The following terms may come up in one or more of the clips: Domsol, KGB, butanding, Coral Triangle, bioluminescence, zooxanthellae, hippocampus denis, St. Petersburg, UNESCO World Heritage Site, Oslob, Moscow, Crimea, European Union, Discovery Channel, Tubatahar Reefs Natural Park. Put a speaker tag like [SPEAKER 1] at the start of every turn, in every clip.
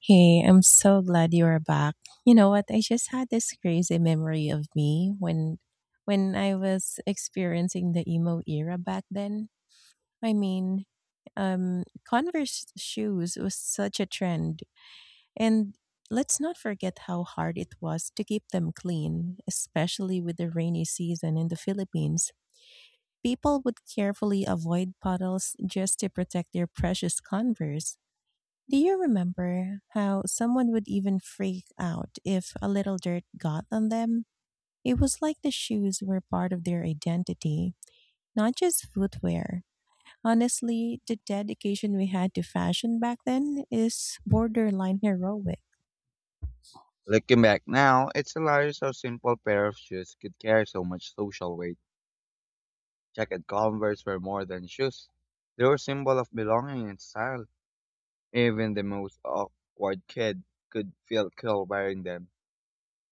[SPEAKER 1] Hey, I'm so glad you are back. You know what? I just had this crazy memory of me when I was experiencing the emo era back then. I mean, Converse shoes was such a trend. And let's not forget how hard it was to keep them clean, especially with the rainy season in the Philippines. People would carefully avoid puddles just to protect their precious Converse. Do you remember how someone would even freak out if a little dirt got on them? It was like the shoes were part of their identity, not just footwear. Honestly, the dedication we had to fashion back then is borderline heroic.
[SPEAKER 2] Looking back now, it's hilarious how simple pair of shoes could carry so much social weight. Checkered Converse were more than shoes. They were a symbol of belonging and style. Even the most awkward kid could feel cool wearing them.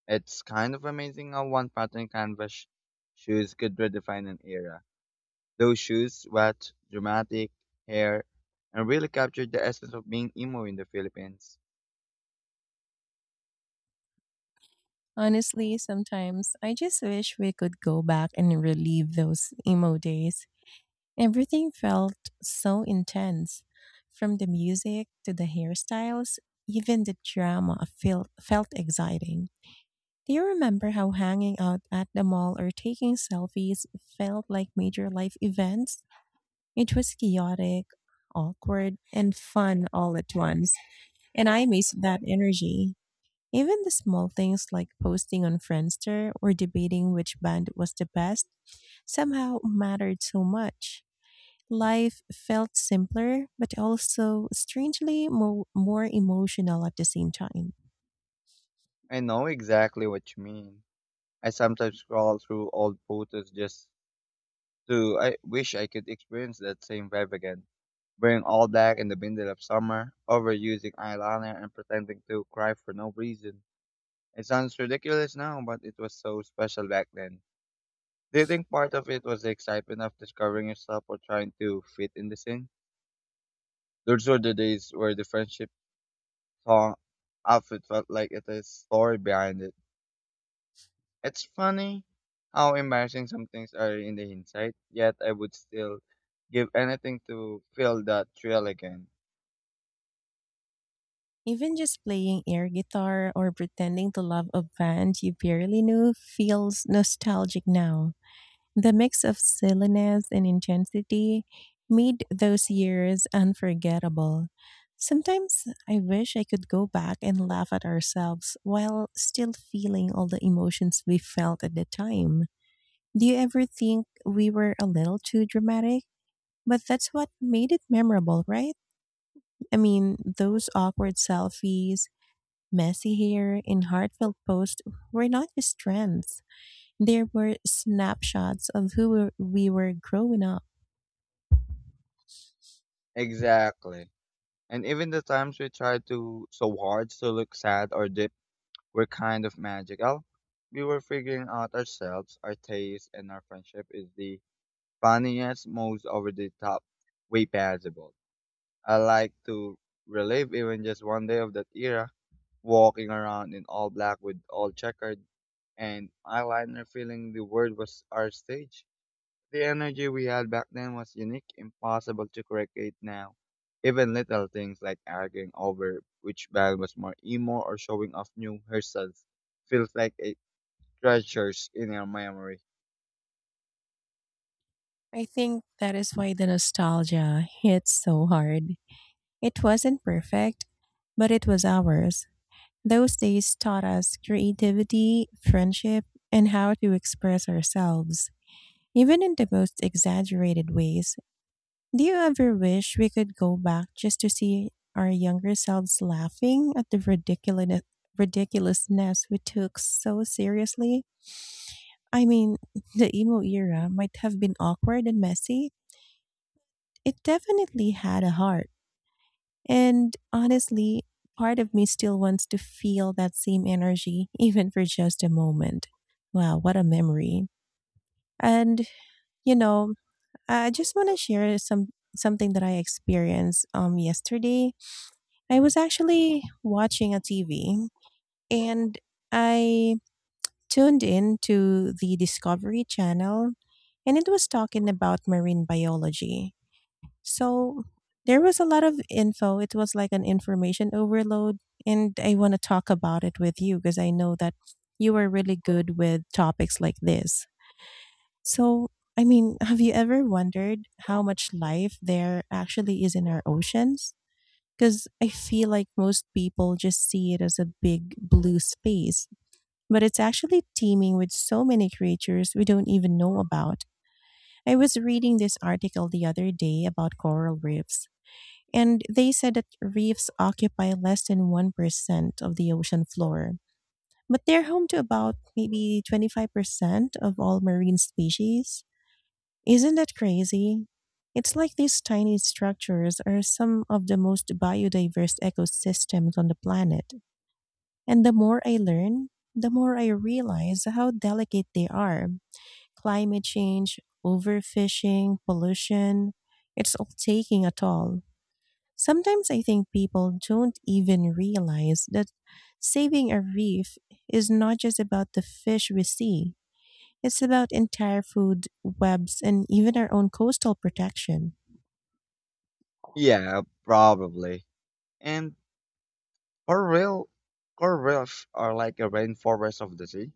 [SPEAKER 2] It's kind of amazing how one pattern canvas shoes could redefine an era. Those shoes, wet, dramatic, hair, and really captured the essence of being emo in the Philippines.
[SPEAKER 1] Honestly, sometimes I just wish we could go back and relive those emo days. Everything felt so intense, from the music to the hairstyles, even the drama felt exciting. Do you remember how hanging out at the mall or taking selfies felt like major life events? It was chaotic, awkward, and fun all at once, and I missed that energy. Even the small things like posting on Friendster or debating which band was the best somehow mattered so much. Life felt simpler, but also strangely more emotional at the same time.
[SPEAKER 2] I know exactly what you mean. I sometimes scroll through old photos just too, I wish I could experience that same vibe again. Wearing all black in the middle of summer, overusing eyeliner and pretending to cry for no reason. It sounds ridiculous now, but it was so special back then. Do you think part of it was the excitement of discovering yourself or trying to fit in the scene? Those were the days where the friendship song outfit felt like it is story behind it. It's funny how embarrassing some things are in the hindsight, yet I would still give anything to feel that thrill again.
[SPEAKER 1] Even just playing air guitar or pretending to love a band you barely knew feels nostalgic now. The mix of silliness and intensity made those years unforgettable. Sometimes I wish I could go back and laugh at ourselves while still feeling all the emotions we felt at the time. Do you ever think we were a little too dramatic? But that's what made it memorable, right? I mean, those awkward selfies, messy hair, and heartfelt posts were not just trends. They were snapshots of who we were growing up.
[SPEAKER 2] Exactly. And even the times we tried to so hard to look sad or deep were kind of magical. We were figuring out ourselves, our taste, and our friendship is the funniest, most over the top way possible. I like to relive even just one day of that era, walking around in all black with all checkered and eyeliner feeling the world was our stage. The energy we had back then was unique, impossible to recreate now. Even little things like arguing over which band was more emo or showing off new hairstyles feels like a treasures in our memory.
[SPEAKER 1] I think that is why the nostalgia hits so hard. It wasn't perfect, but it was ours. Those days taught us creativity, friendship, and how to express ourselves, even in the most exaggerated ways. Do you ever wish we could go back just to see our younger selves laughing at the ridiculousness we took so seriously? I mean, the emo era might have been awkward and messy, it definitely had a heart. And honestly, part of me still wants to feel that same energy, even for just a moment. Wow, what a memory. And, you know, I just want to share something that I experienced yesterday. I
[SPEAKER 2] Hmm.
[SPEAKER 1] was actually watching a TV and I tuned in to the Discovery Channel, and it was talking about marine biology. So there was a lot of info. It was like an information overload. And I want to talk about it with you because I know that you are really good with topics like this. So, I mean, have you ever wondered how much life there actually is in our oceans? Because I feel like most people just see it as a big blue space, but it's actually teeming with so many creatures we don't even know about. I was reading this article the other day about coral reefs, and they said that reefs occupy less than 1% of the ocean floor, but they're home to about maybe 25% of all marine species. Isn't that crazy? It's like these tiny structures are some of the most biodiverse ecosystems on the planet. And the more I learn, the more I realize how delicate they are. Climate change, overfishing, pollution, it's all taking a toll. Sometimes I think people don't even realize that saving a reef is not just about the fish we see, it's about entire food webs and even our own coastal protection.
[SPEAKER 2] Yeah, probably. And coral, corals are like a rainforest of the sea.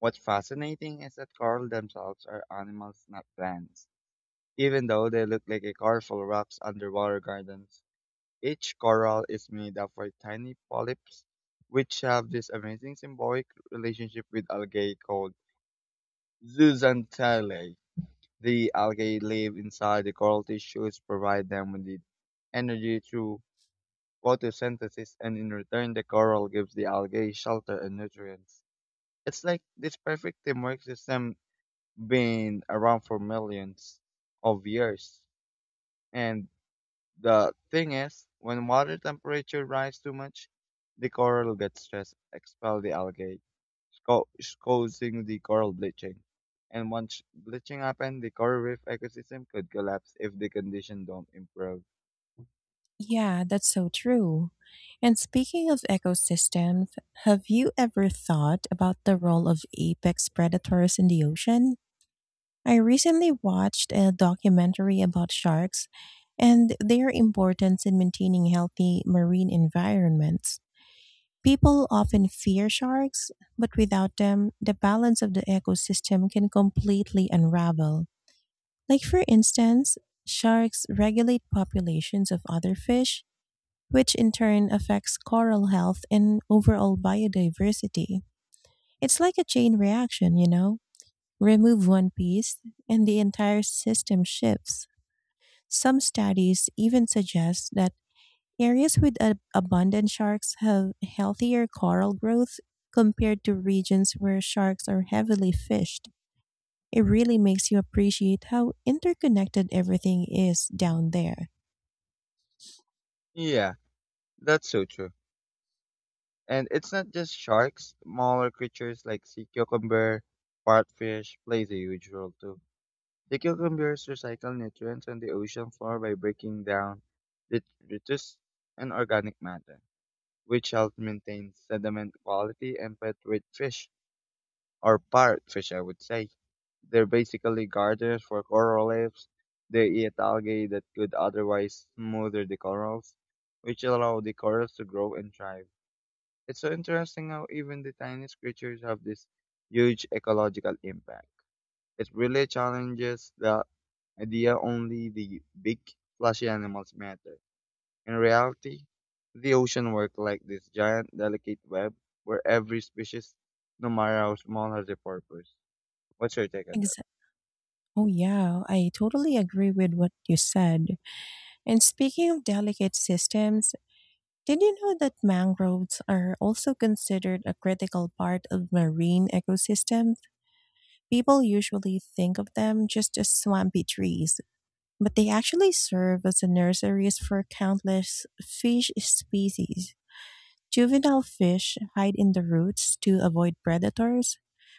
[SPEAKER 2] What's fascinating is that coral themselves are animals, not plants. Even though they look like a colorful rocks underwater gardens, each coral is made up of tiny polyps, which have this amazing symbiotic relationship with algae called zooxanthellae. The algae live inside the coral tissues, provide them with the energy through photosynthesis, and in return, the coral gives the algae shelter and nutrients. It's like this perfect teamwork system been around for millions of years. And the thing is, when water temperature rise too much, the coral gets stressed, expel the algae, co- causing the coral bleaching. And once bleaching happens, the coral reef ecosystem could collapse if the condition don't improve.
[SPEAKER 1] Yeah, that's so true. And speaking of ecosystems, have you ever thought about the role of apex predators in the ocean? I recently watched a documentary about sharks and their importance in maintaining healthy marine environments. People often fear sharks, but without them, the balance of the ecosystem can completely unravel. Like, for instance, sharks regulate populations of other fish, which in turn affects coral health and overall biodiversity. It's like a chain reaction, you know? Remove one piece, and the entire system shifts. Some studies even suggest that areas with abundant sharks have healthier coral growth compared to regions where sharks are heavily fished. It really makes you appreciate how interconnected everything is down there.
[SPEAKER 2] Yeah, that's so true. And it's not just sharks, smaller creatures like sea cucumber, partfish plays a huge role too. The cucumbers recycle nutrients on the ocean floor by breaking down detritus and organic matter, which helps maintain sediment quality and pet-rich fish, or parrotfish, I would say. They're basically gardeners for coral reefs. They eat algae that could otherwise smother the corals, which allow the corals to grow and thrive. It's so interesting how even the tiniest creatures have this huge ecological impact. It really challenges the idea only the big, flashy animals matter. In reality, the ocean works like this giant, delicate web where every species, no matter how small, has a purpose. What's your take on that?
[SPEAKER 1] Exa- oh, yeah, I totally agree with what you said. And speaking of delicate systems, did you know that mangroves are also considered a critical part of marine ecosystems? People usually think of them just as swampy trees, but they actually serve as the nurseries for countless fish species. Juvenile fish hide in the roots to avoid predators,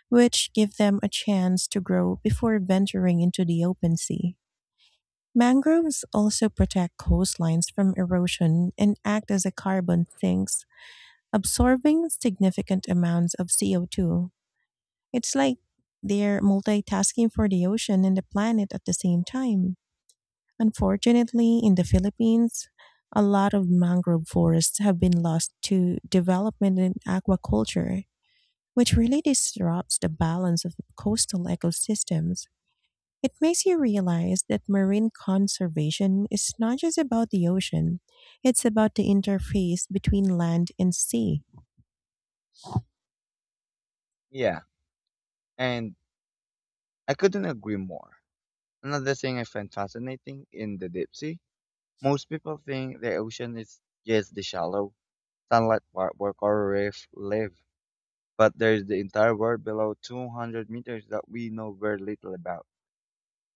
[SPEAKER 1] which give them a chance to grow before venturing into the open sea. Mangroves also protect coastlines from erosion and act as a carbon sinks absorbing significant amounts of CO2. It's like they're multitasking for the ocean and the planet at the same time. Unfortunately, in the Philippines, a lot of mangrove forests have been lost to development in aquaculture, which really disrupts the balance of coastal ecosystems. It makes you realize that marine conservation is not just about the ocean, it's about the interface between land and sea.
[SPEAKER 2] Yeah, and I couldn't agree more. Another thing I find fascinating in the deep sea, most people think the ocean is just the shallow, sunlight part where coral reef live, but there's the entire world below 200 meters that we know very little about.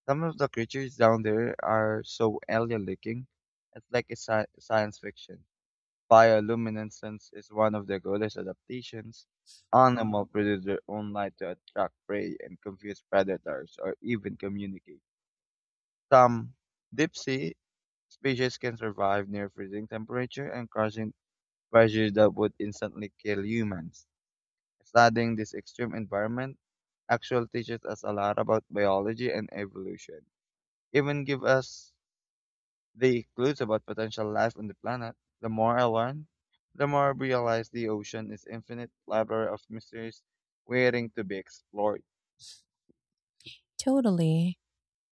[SPEAKER 2] Some of the creatures down there are so alien-looking, it's like a science fiction. Bioluminescence is one of the goddess adaptations. Animals produce their own light to attract prey and confuse predators or even communicate. Some deep sea species can survive near freezing temperature and crushing pressure that would instantly kill humans. Studying this extreme environment actually teaches us a lot about biology and evolution. Even give us the clues about potential life on the planet. The more I learn, the more I realize the ocean is infinite library of mysteries waiting to be explored.
[SPEAKER 1] Totally.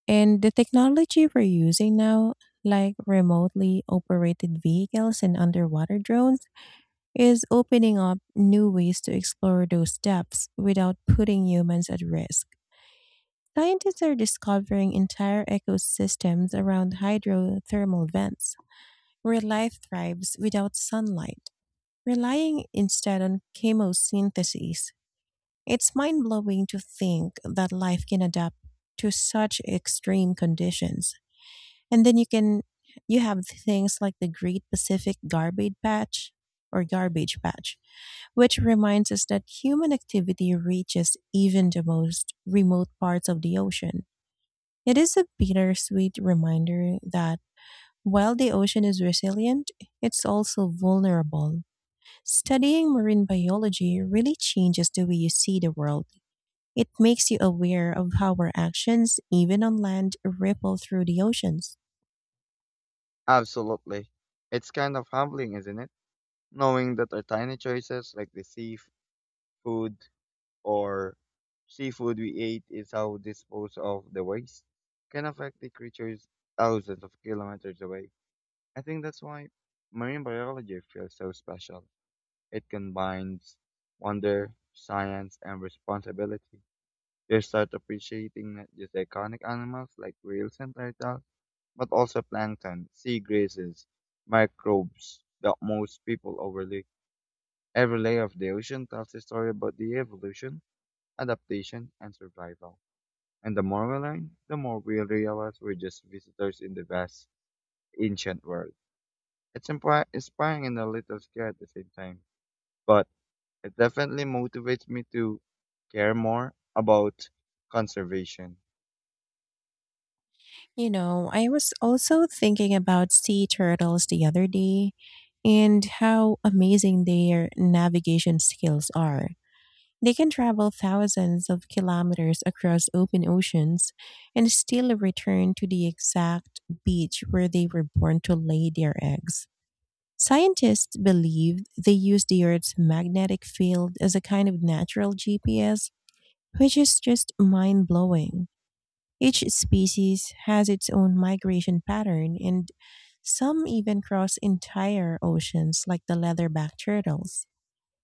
[SPEAKER 1] And the technology we're using now, like remotely operated vehicles and underwater drones, is opening up new ways to explore those depths without putting humans at risk. Scientists are discovering entire ecosystems around hydrothermal vents where life thrives without sunlight, relying instead on chemosynthesis. It's mind blowing to think that life can adapt to such extreme conditions. And then you have things like the Great Pacific Garbage Patch or Garbage Patch, which reminds us that human activity reaches even the most remote parts of the ocean. It is a bittersweet reminder that while the ocean is resilient, it's also vulnerable. Studying marine biology really changes the way you see the world. It makes you aware of how our actions, even on land, ripple through the oceans.
[SPEAKER 2] Absolutely. It's kind of humbling, isn't it? Knowing that our tiny choices like the seafood or seafood we ate is how we dispose of the waste can affect the creatures thousands of kilometers away. I think that's why marine biology feels so special. It combines wonder, science, and responsibility. You start appreciating not just iconic animals like whales and turtles, but also plankton, sea grasses, microbes that most people overlook. Every layer of the ocean tells a story about the evolution, adaptation, and survival. And the more we learn, the more we realize we're just visitors in the vast, ancient world. It's inspiring and a little scary at the same time. But it definitely motivates me to care more about conservation.
[SPEAKER 1] You know, I was also thinking about sea turtles the other day and how amazing their navigation skills are. They can travel thousands of kilometers across open oceans and still return to the exact beach where they were born to lay their eggs. Scientists believe they use the Earth's magnetic field as a kind of natural GPS, which is just mind blowing. Each species has its own migration pattern, and some even cross entire oceans, like the leatherback turtles.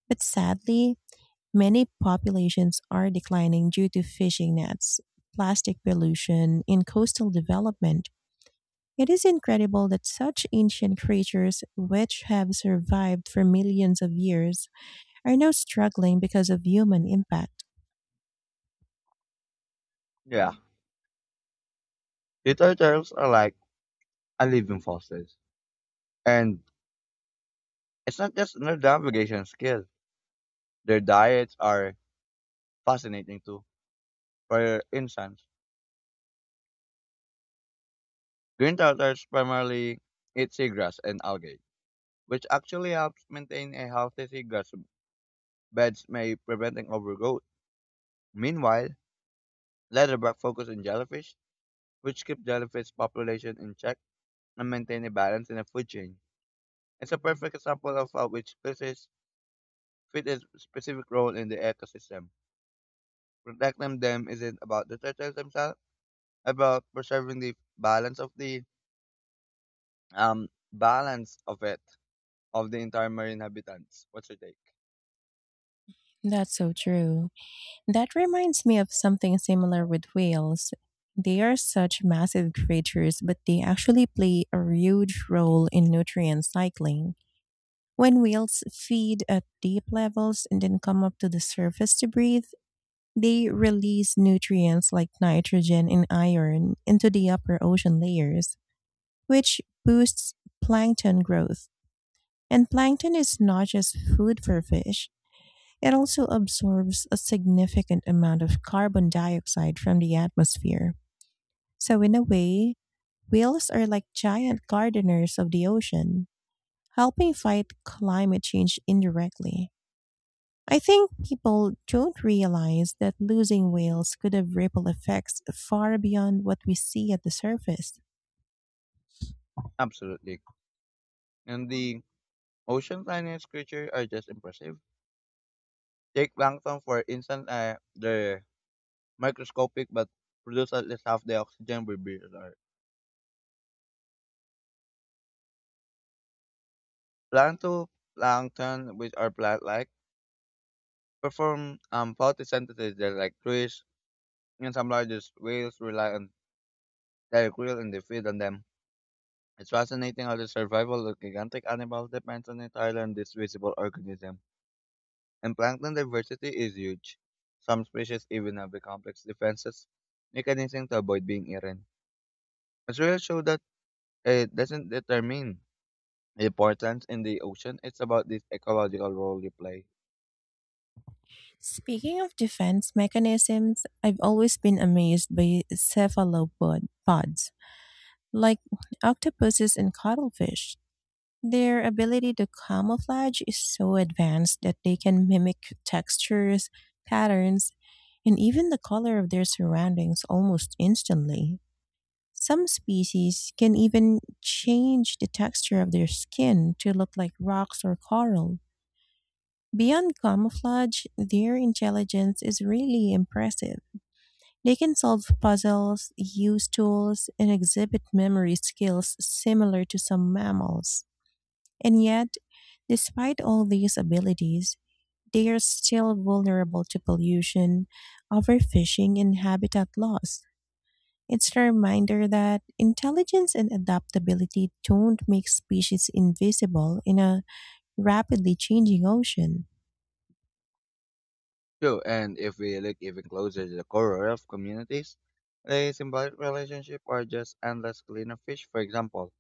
[SPEAKER 1] But sadly, many populations are declining due to fishing nets, plastic pollution, and coastal development. It is incredible that such ancient creatures, which have survived for millions of years, are now struggling because of human impact.
[SPEAKER 2] Yeah, sea turtles are like a living fossils. And it's not just their navigation skill. Their diets are fascinating too. For instance, green turtles primarily eat seagrass and algae, which actually helps maintain a healthy seagrass beds by preventing overgrowth. Meanwhile, leatherback focus on jellyfish, which keep jellyfish population in check and maintain a balance in the food chain. It's a perfect example of how which species fit a specific role in the ecosystem. Protecting them isn't about the turtles themselves, about preserving the balance of it of the entire marine habitats. What's your take?
[SPEAKER 1] That's so true. That reminds me of something similar with whales. They are such massive creatures, but they actually play a huge role in nutrient cycling. When whales feed at deep levels and then come up to the surface to breathe, they release nutrients like nitrogen and iron into the upper ocean layers, which boosts plankton growth. And plankton is not just food for fish, it also absorbs a significant amount of carbon dioxide from the atmosphere. So, in a way, whales are like giant gardeners of the ocean, helping fight climate change indirectly. I think people don't realize that losing whales could have ripple effects far beyond what we see at the surface.
[SPEAKER 2] Absolutely. And the ocean planet creatures are just impressive. Take plankton for instance, they're microscopic but produce at least half the oxygen we breathe. Plankton, plankton, which are plant-like perform photosynthesis. They're like trees, and some largest whales rely on their krill and they feed on them. It's fascinating how the survival of gigantic animals depends on entirely on this visible organism. And plankton diversity is huge. Some species even have the complex defenses mechanism to avoid being eaten. As well show that it doesn't determine importance in the ocean. It's about this ecological role you play.
[SPEAKER 1] Speaking of defense mechanisms, I've always been amazed by cephalopods, like octopuses and cuttlefish. Their ability to camouflage is so advanced that they can mimic textures, patterns, and even the color of their surroundings almost instantly. Some species can even change the texture of their skin to look like rocks or coral. Beyond camouflage, their intelligence is really impressive. They can solve puzzles, use tools, and exhibit memory skills similar to some mammals. And yet, despite all these abilities, they are still vulnerable to pollution, overfishing, and habitat loss. It's a reminder that intelligence and adaptability don't make species invisible in a rapidly changing ocean.
[SPEAKER 2] True, and if we look even closer to the core of communities, the symbiotic relationship are just endless cleaner fish, for example,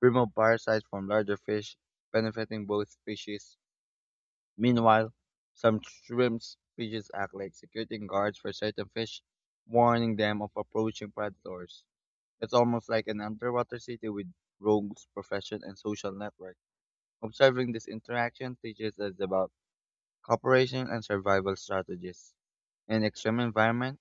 [SPEAKER 2] remove parasites from larger fish, benefiting both species. Meanwhile, some shrimp species act like security guards for certain fish, warning them of approaching predators. It's almost like an underwater city with rogues, profession, and social network. Observing this interaction teaches us about cooperation and survival strategies. In extreme environment,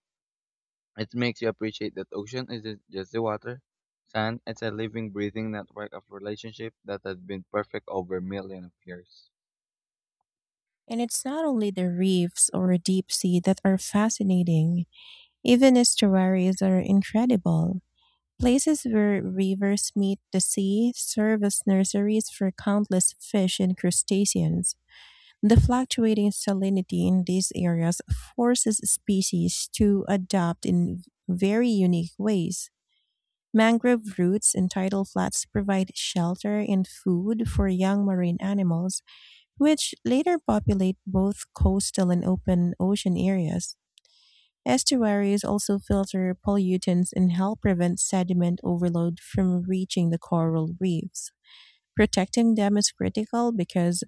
[SPEAKER 2] it makes you appreciate that ocean isn't just the water, sand, it's a living, breathing network of relationships that has been perfect over millions of years.
[SPEAKER 1] And it's not only the reefs or deep sea that are fascinating, even estuaries are incredible. Places where rivers meet the sea serve as nurseries for countless fish and crustaceans. The fluctuating salinity in these areas forces species to adapt in very unique ways. Mangrove roots and tidal flats provide shelter and food for young marine animals, which later populate both coastal and open ocean areas. Estuaries also filter pollutants and help prevent sediment overload from reaching the coral reefs. Protecting them is critical because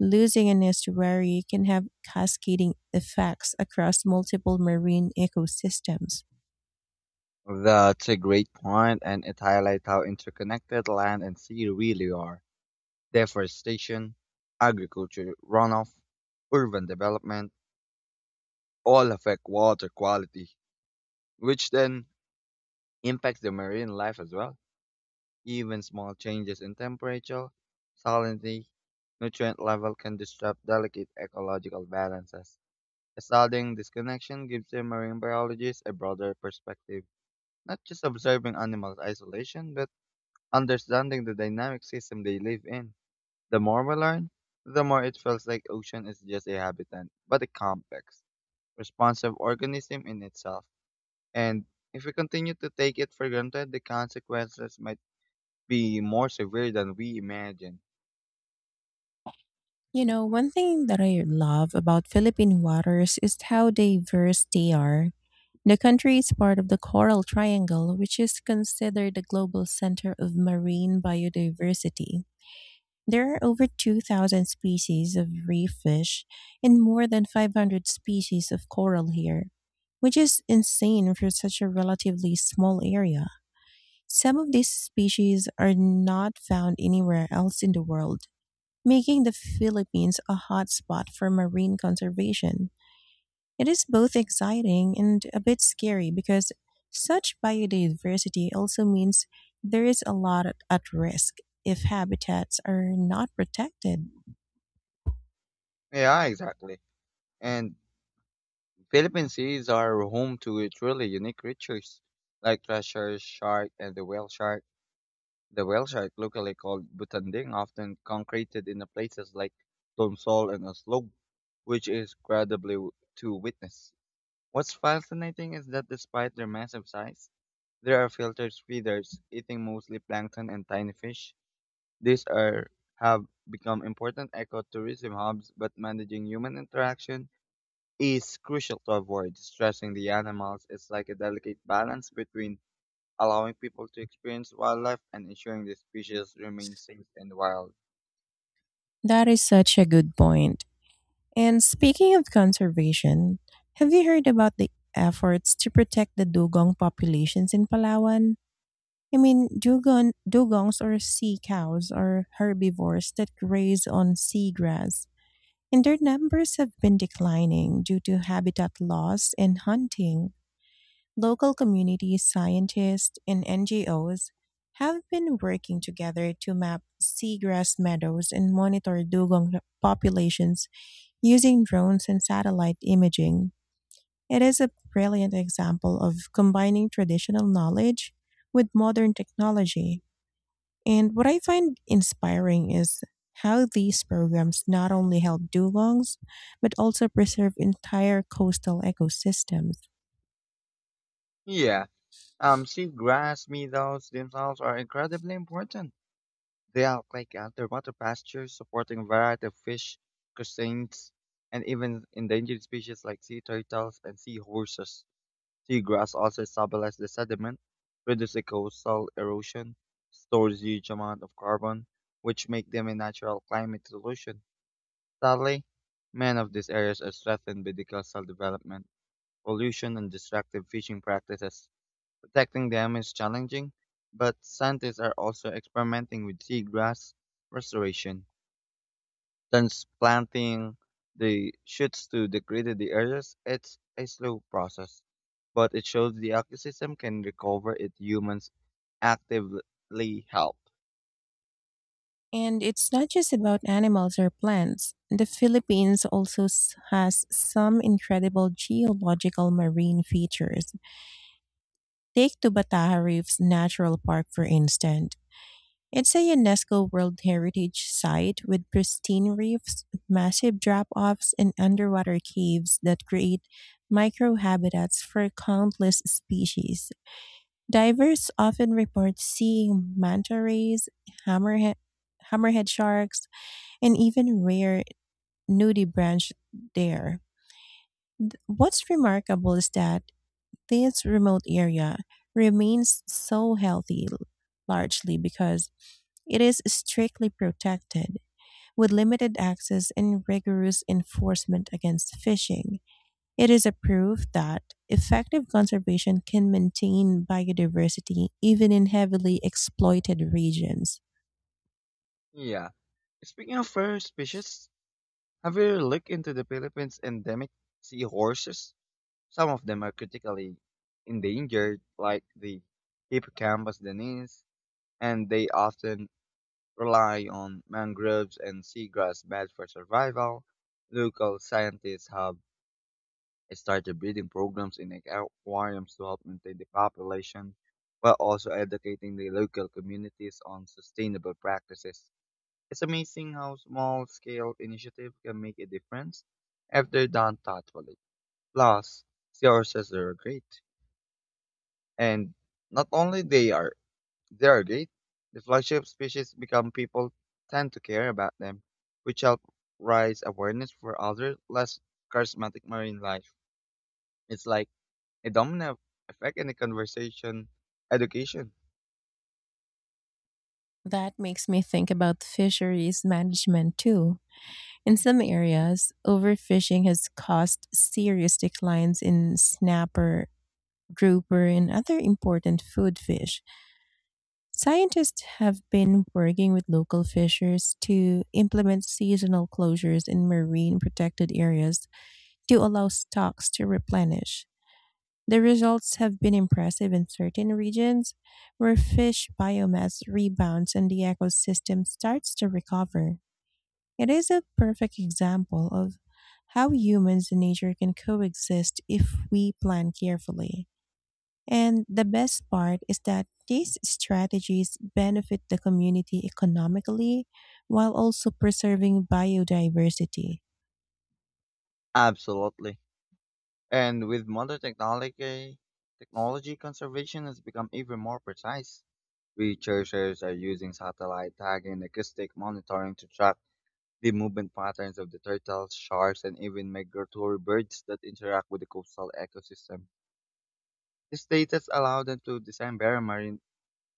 [SPEAKER 1] losing an estuary can have cascading effects across multiple marine ecosystems.
[SPEAKER 2] That's a great point, and it highlights how interconnected land and sea really are. Deforestation, agriculture runoff, urban development all affect water quality, which then impacts the marine life as well. Even small changes in temperature, salinity, nutrient level can disrupt delicate ecological balances. Studying this connection gives the marine biologists a broader perspective, not just observing animals' in isolation, but understanding the dynamic system they live in. The more we learn, the more it feels like ocean is just a habitat, but a complex, responsive organism in itself. And if we continue to take it for granted, the consequences might be more severe than we imagine.
[SPEAKER 1] You know, one thing that I love about Philippine waters is how diverse they are. The country is part of the Coral Triangle, which is considered the global center of marine biodiversity. There are over 2,000 species of reef fish and more than 500 species of coral here, which is insane for such a relatively small area. Some of these species are not found anywhere else in the world, making the Philippines a hotspot for marine conservation. It is both exciting and a bit scary because such biodiversity also means there is a lot at risk if habitats are not protected.
[SPEAKER 2] Yeah, exactly. And Philippine seas are home to truly unique creatures like treasure shark and the whale shark. The whale shark, locally called butanding, often concreted in the places like Domsol and Oslob, which is incredibly to witness. What's fascinating is that despite their massive size, they are filtered feeders, eating mostly plankton and tiny fish. These are have become important ecotourism hubs, but managing human interaction is crucial to avoid stressing the animals. It's like a delicate balance between allowing people to experience wildlife and ensuring the species remain safe and wild.
[SPEAKER 1] That is such a good point. And speaking of conservation, have you heard about the efforts to protect the dugong populations in Palawan? I mean, dugongs or sea cows are herbivores that graze on seagrass, and their numbers have been declining due to habitat loss and hunting. Local communities, scientists, and NGOs have been working together to map seagrass meadows and monitor dugong populations using drones and satellite imaging. It is a brilliant example of combining traditional knowledge with modern technology. And what I find inspiring is how these programs not only help dugongs, but also preserve entire coastal ecosystems.
[SPEAKER 2] Yeah. Sea grass meadows themselves are incredibly important. They are like underwater pastures supporting a variety of fish, crustaceans, and even endangered species like sea turtles and seahorses. Seagrass also stabilizes the sediment, reduces coastal erosion, stores huge amounts of carbon, which make them a natural climate solution. Sadly, many of these areas are threatened by the coastal development, pollution, and destructive fishing practices. Protecting them is challenging, but scientists are also experimenting with seagrass restoration. Transplanting the shoots to degraded areas, it's a slow process, but it shows the ecosystem can recover if humans actively help.
[SPEAKER 1] And it's not just about animals or plants. The Philippines has some incredible geological marine features. Take Tubatahar Reefs Natural Park, for instance. It's a UNESCO World Heritage Site with pristine reefs, massive drop offs, and underwater caves that create microhabitats for countless species. Divers often report seeing manta rays, hammerhead, hammerhead sharks, and even rare nudie branch there. What's remarkable is that this remote area remains so healthy largely because it is strictly protected with limited access and rigorous enforcement against fishing. It is a proof that effective conservation can maintain biodiversity even in heavily exploited regions.
[SPEAKER 2] Yeah. Speaking of rare species, have you looked into the Philippines endemic seahorses? Some of them are critically endangered, like the hippocampus denis, and they often rely on mangroves and seagrass beds for survival. Local scientists have started breeding programs in aquariums to help maintain the population, while also educating the local communities on sustainable practices. It's amazing how small scale initiatives can make a difference if they're done thoughtfully. Plus, seahorses are great, and not only they are they are great. The flagship species become people tend to care about them, which help raise awareness for other less charismatic marine life. It's like a domino effect in the conversation education.
[SPEAKER 1] That makes me think about fisheries management too. In some areas, overfishing has caused serious declines in snapper, grouper, and other important food fish. Scientists have been working with local fishers to implement seasonal closures in marine protected areas to allow stocks to replenish. The results have been impressive in certain regions where fish biomass rebounds and the ecosystem starts to recover. It is a perfect example of how humans and nature can coexist if we plan carefully. And the best part is that these strategies benefit the community economically while also preserving biodiversity.
[SPEAKER 2] Absolutely. And with modern technology, conservation has become even more precise. Researchers are using satellite tagging and acoustic monitoring to track the movement patterns of the turtles, sharks, and even migratory birds that interact with the coastal ecosystem. This data allow them to design better marine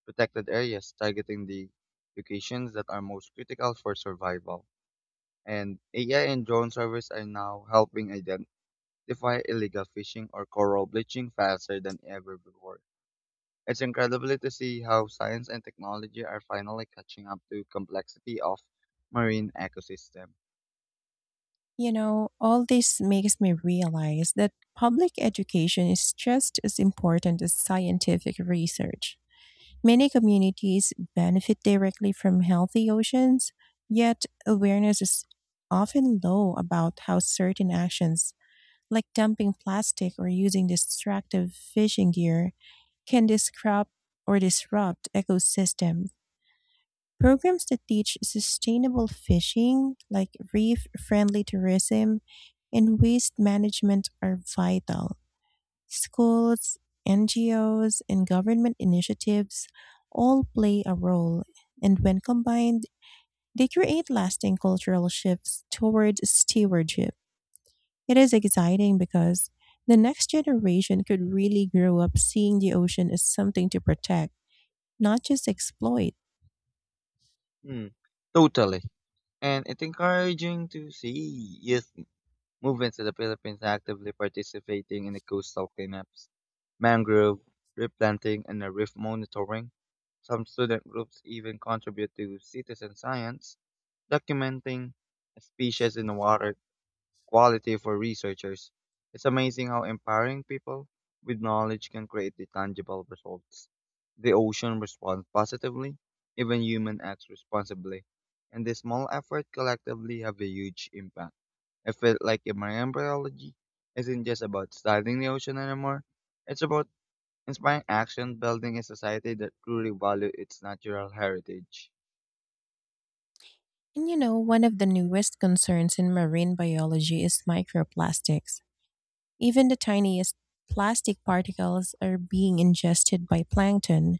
[SPEAKER 2] protected areas, targeting the locations that are most critical for survival. And AI and drone surveys are now helping identify illegal fishing or coral bleaching faster than ever before. It's incredible to see how science and technology are finally catching up to complexity of marine ecosystem.
[SPEAKER 1] You know, all this makes me realize that public education is just as important as scientific research. Many communities benefit directly from healthy oceans, yet awareness is often low about how certain actions, like dumping plastic or using destructive fishing gear, can disrupt ecosystems. Programs that teach sustainable fishing, like reef friendly tourism and waste management, are vital. Schools, NGOs, and government initiatives all play a role, and when combined, they create lasting cultural shifts towards stewardship. It is exciting because the next generation could really grow up seeing the ocean as something to protect, not just exploit.
[SPEAKER 2] Mm, totally. And it's encouraging to see youth movements in the Philippines actively participating in the coastal cleanups, mangrove replanting, and the reef monitoring. Some student groups even contribute to citizen science, documenting species in the water quality for researchers. It's amazing how empowering people with knowledge can create the tangible results. The ocean responds positively, even human acts responsibly, and the small effort collectively have a huge impact. I feel like in marine biology isn't just about studying the ocean anymore. It's about inspiring action, building a society that truly values its natural heritage.
[SPEAKER 1] And you know, one of the newest concerns in marine biology is microplastics. Even the tiniest plastic particles are being ingested by plankton,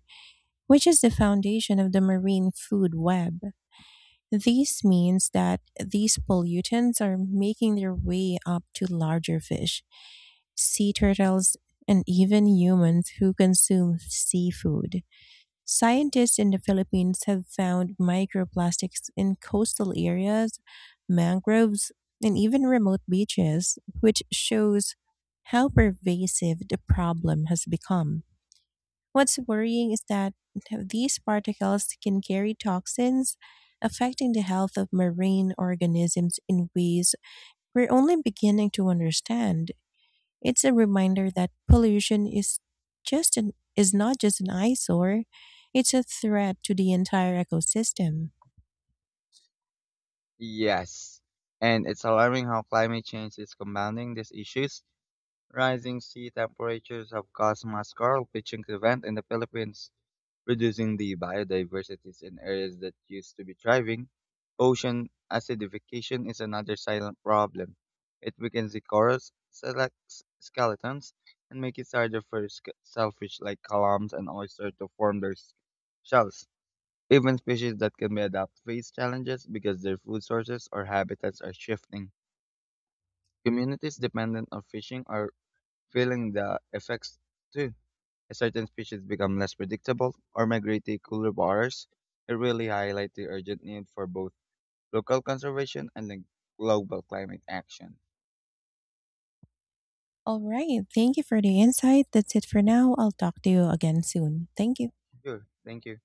[SPEAKER 1] which is the foundation of the marine food web. This means that these pollutants are making their way up to larger fish, sea turtles, and even humans who consume seafood. Scientists in the Philippines have found microplastics in coastal areas, mangroves, and even remote beaches, which shows how pervasive the problem has become. What's worrying is that these particles can carry toxins, affecting the health of marine organisms in ways we're only beginning to understand. It's a reminder that pollution is is not just an eyesore, it's a threat to the entire ecosystem.
[SPEAKER 2] Yes. And it's alarming how climate change is compounding these issues. Rising sea temperatures have caused mass coral bleaching event in the Philippines, reducing the biodiversities in areas that used to be thriving. Ocean acidification is another silent problem. It weakens the corals, selects skeletons, and makes it harder for shellfish like clams and oysters to form their shells. Even species that can be adapted face challenges because their food sources or habitats are shifting. Communities dependent on fishing are feeling the effects too. As certain species become less predictable or migrate to cooler waters, it really highlights the urgent need for both local conservation and the global climate action.
[SPEAKER 1] All right, thank you for the insight. That's it for now. I'll talk to you again soon. Thank you.
[SPEAKER 2] Sure, thank you.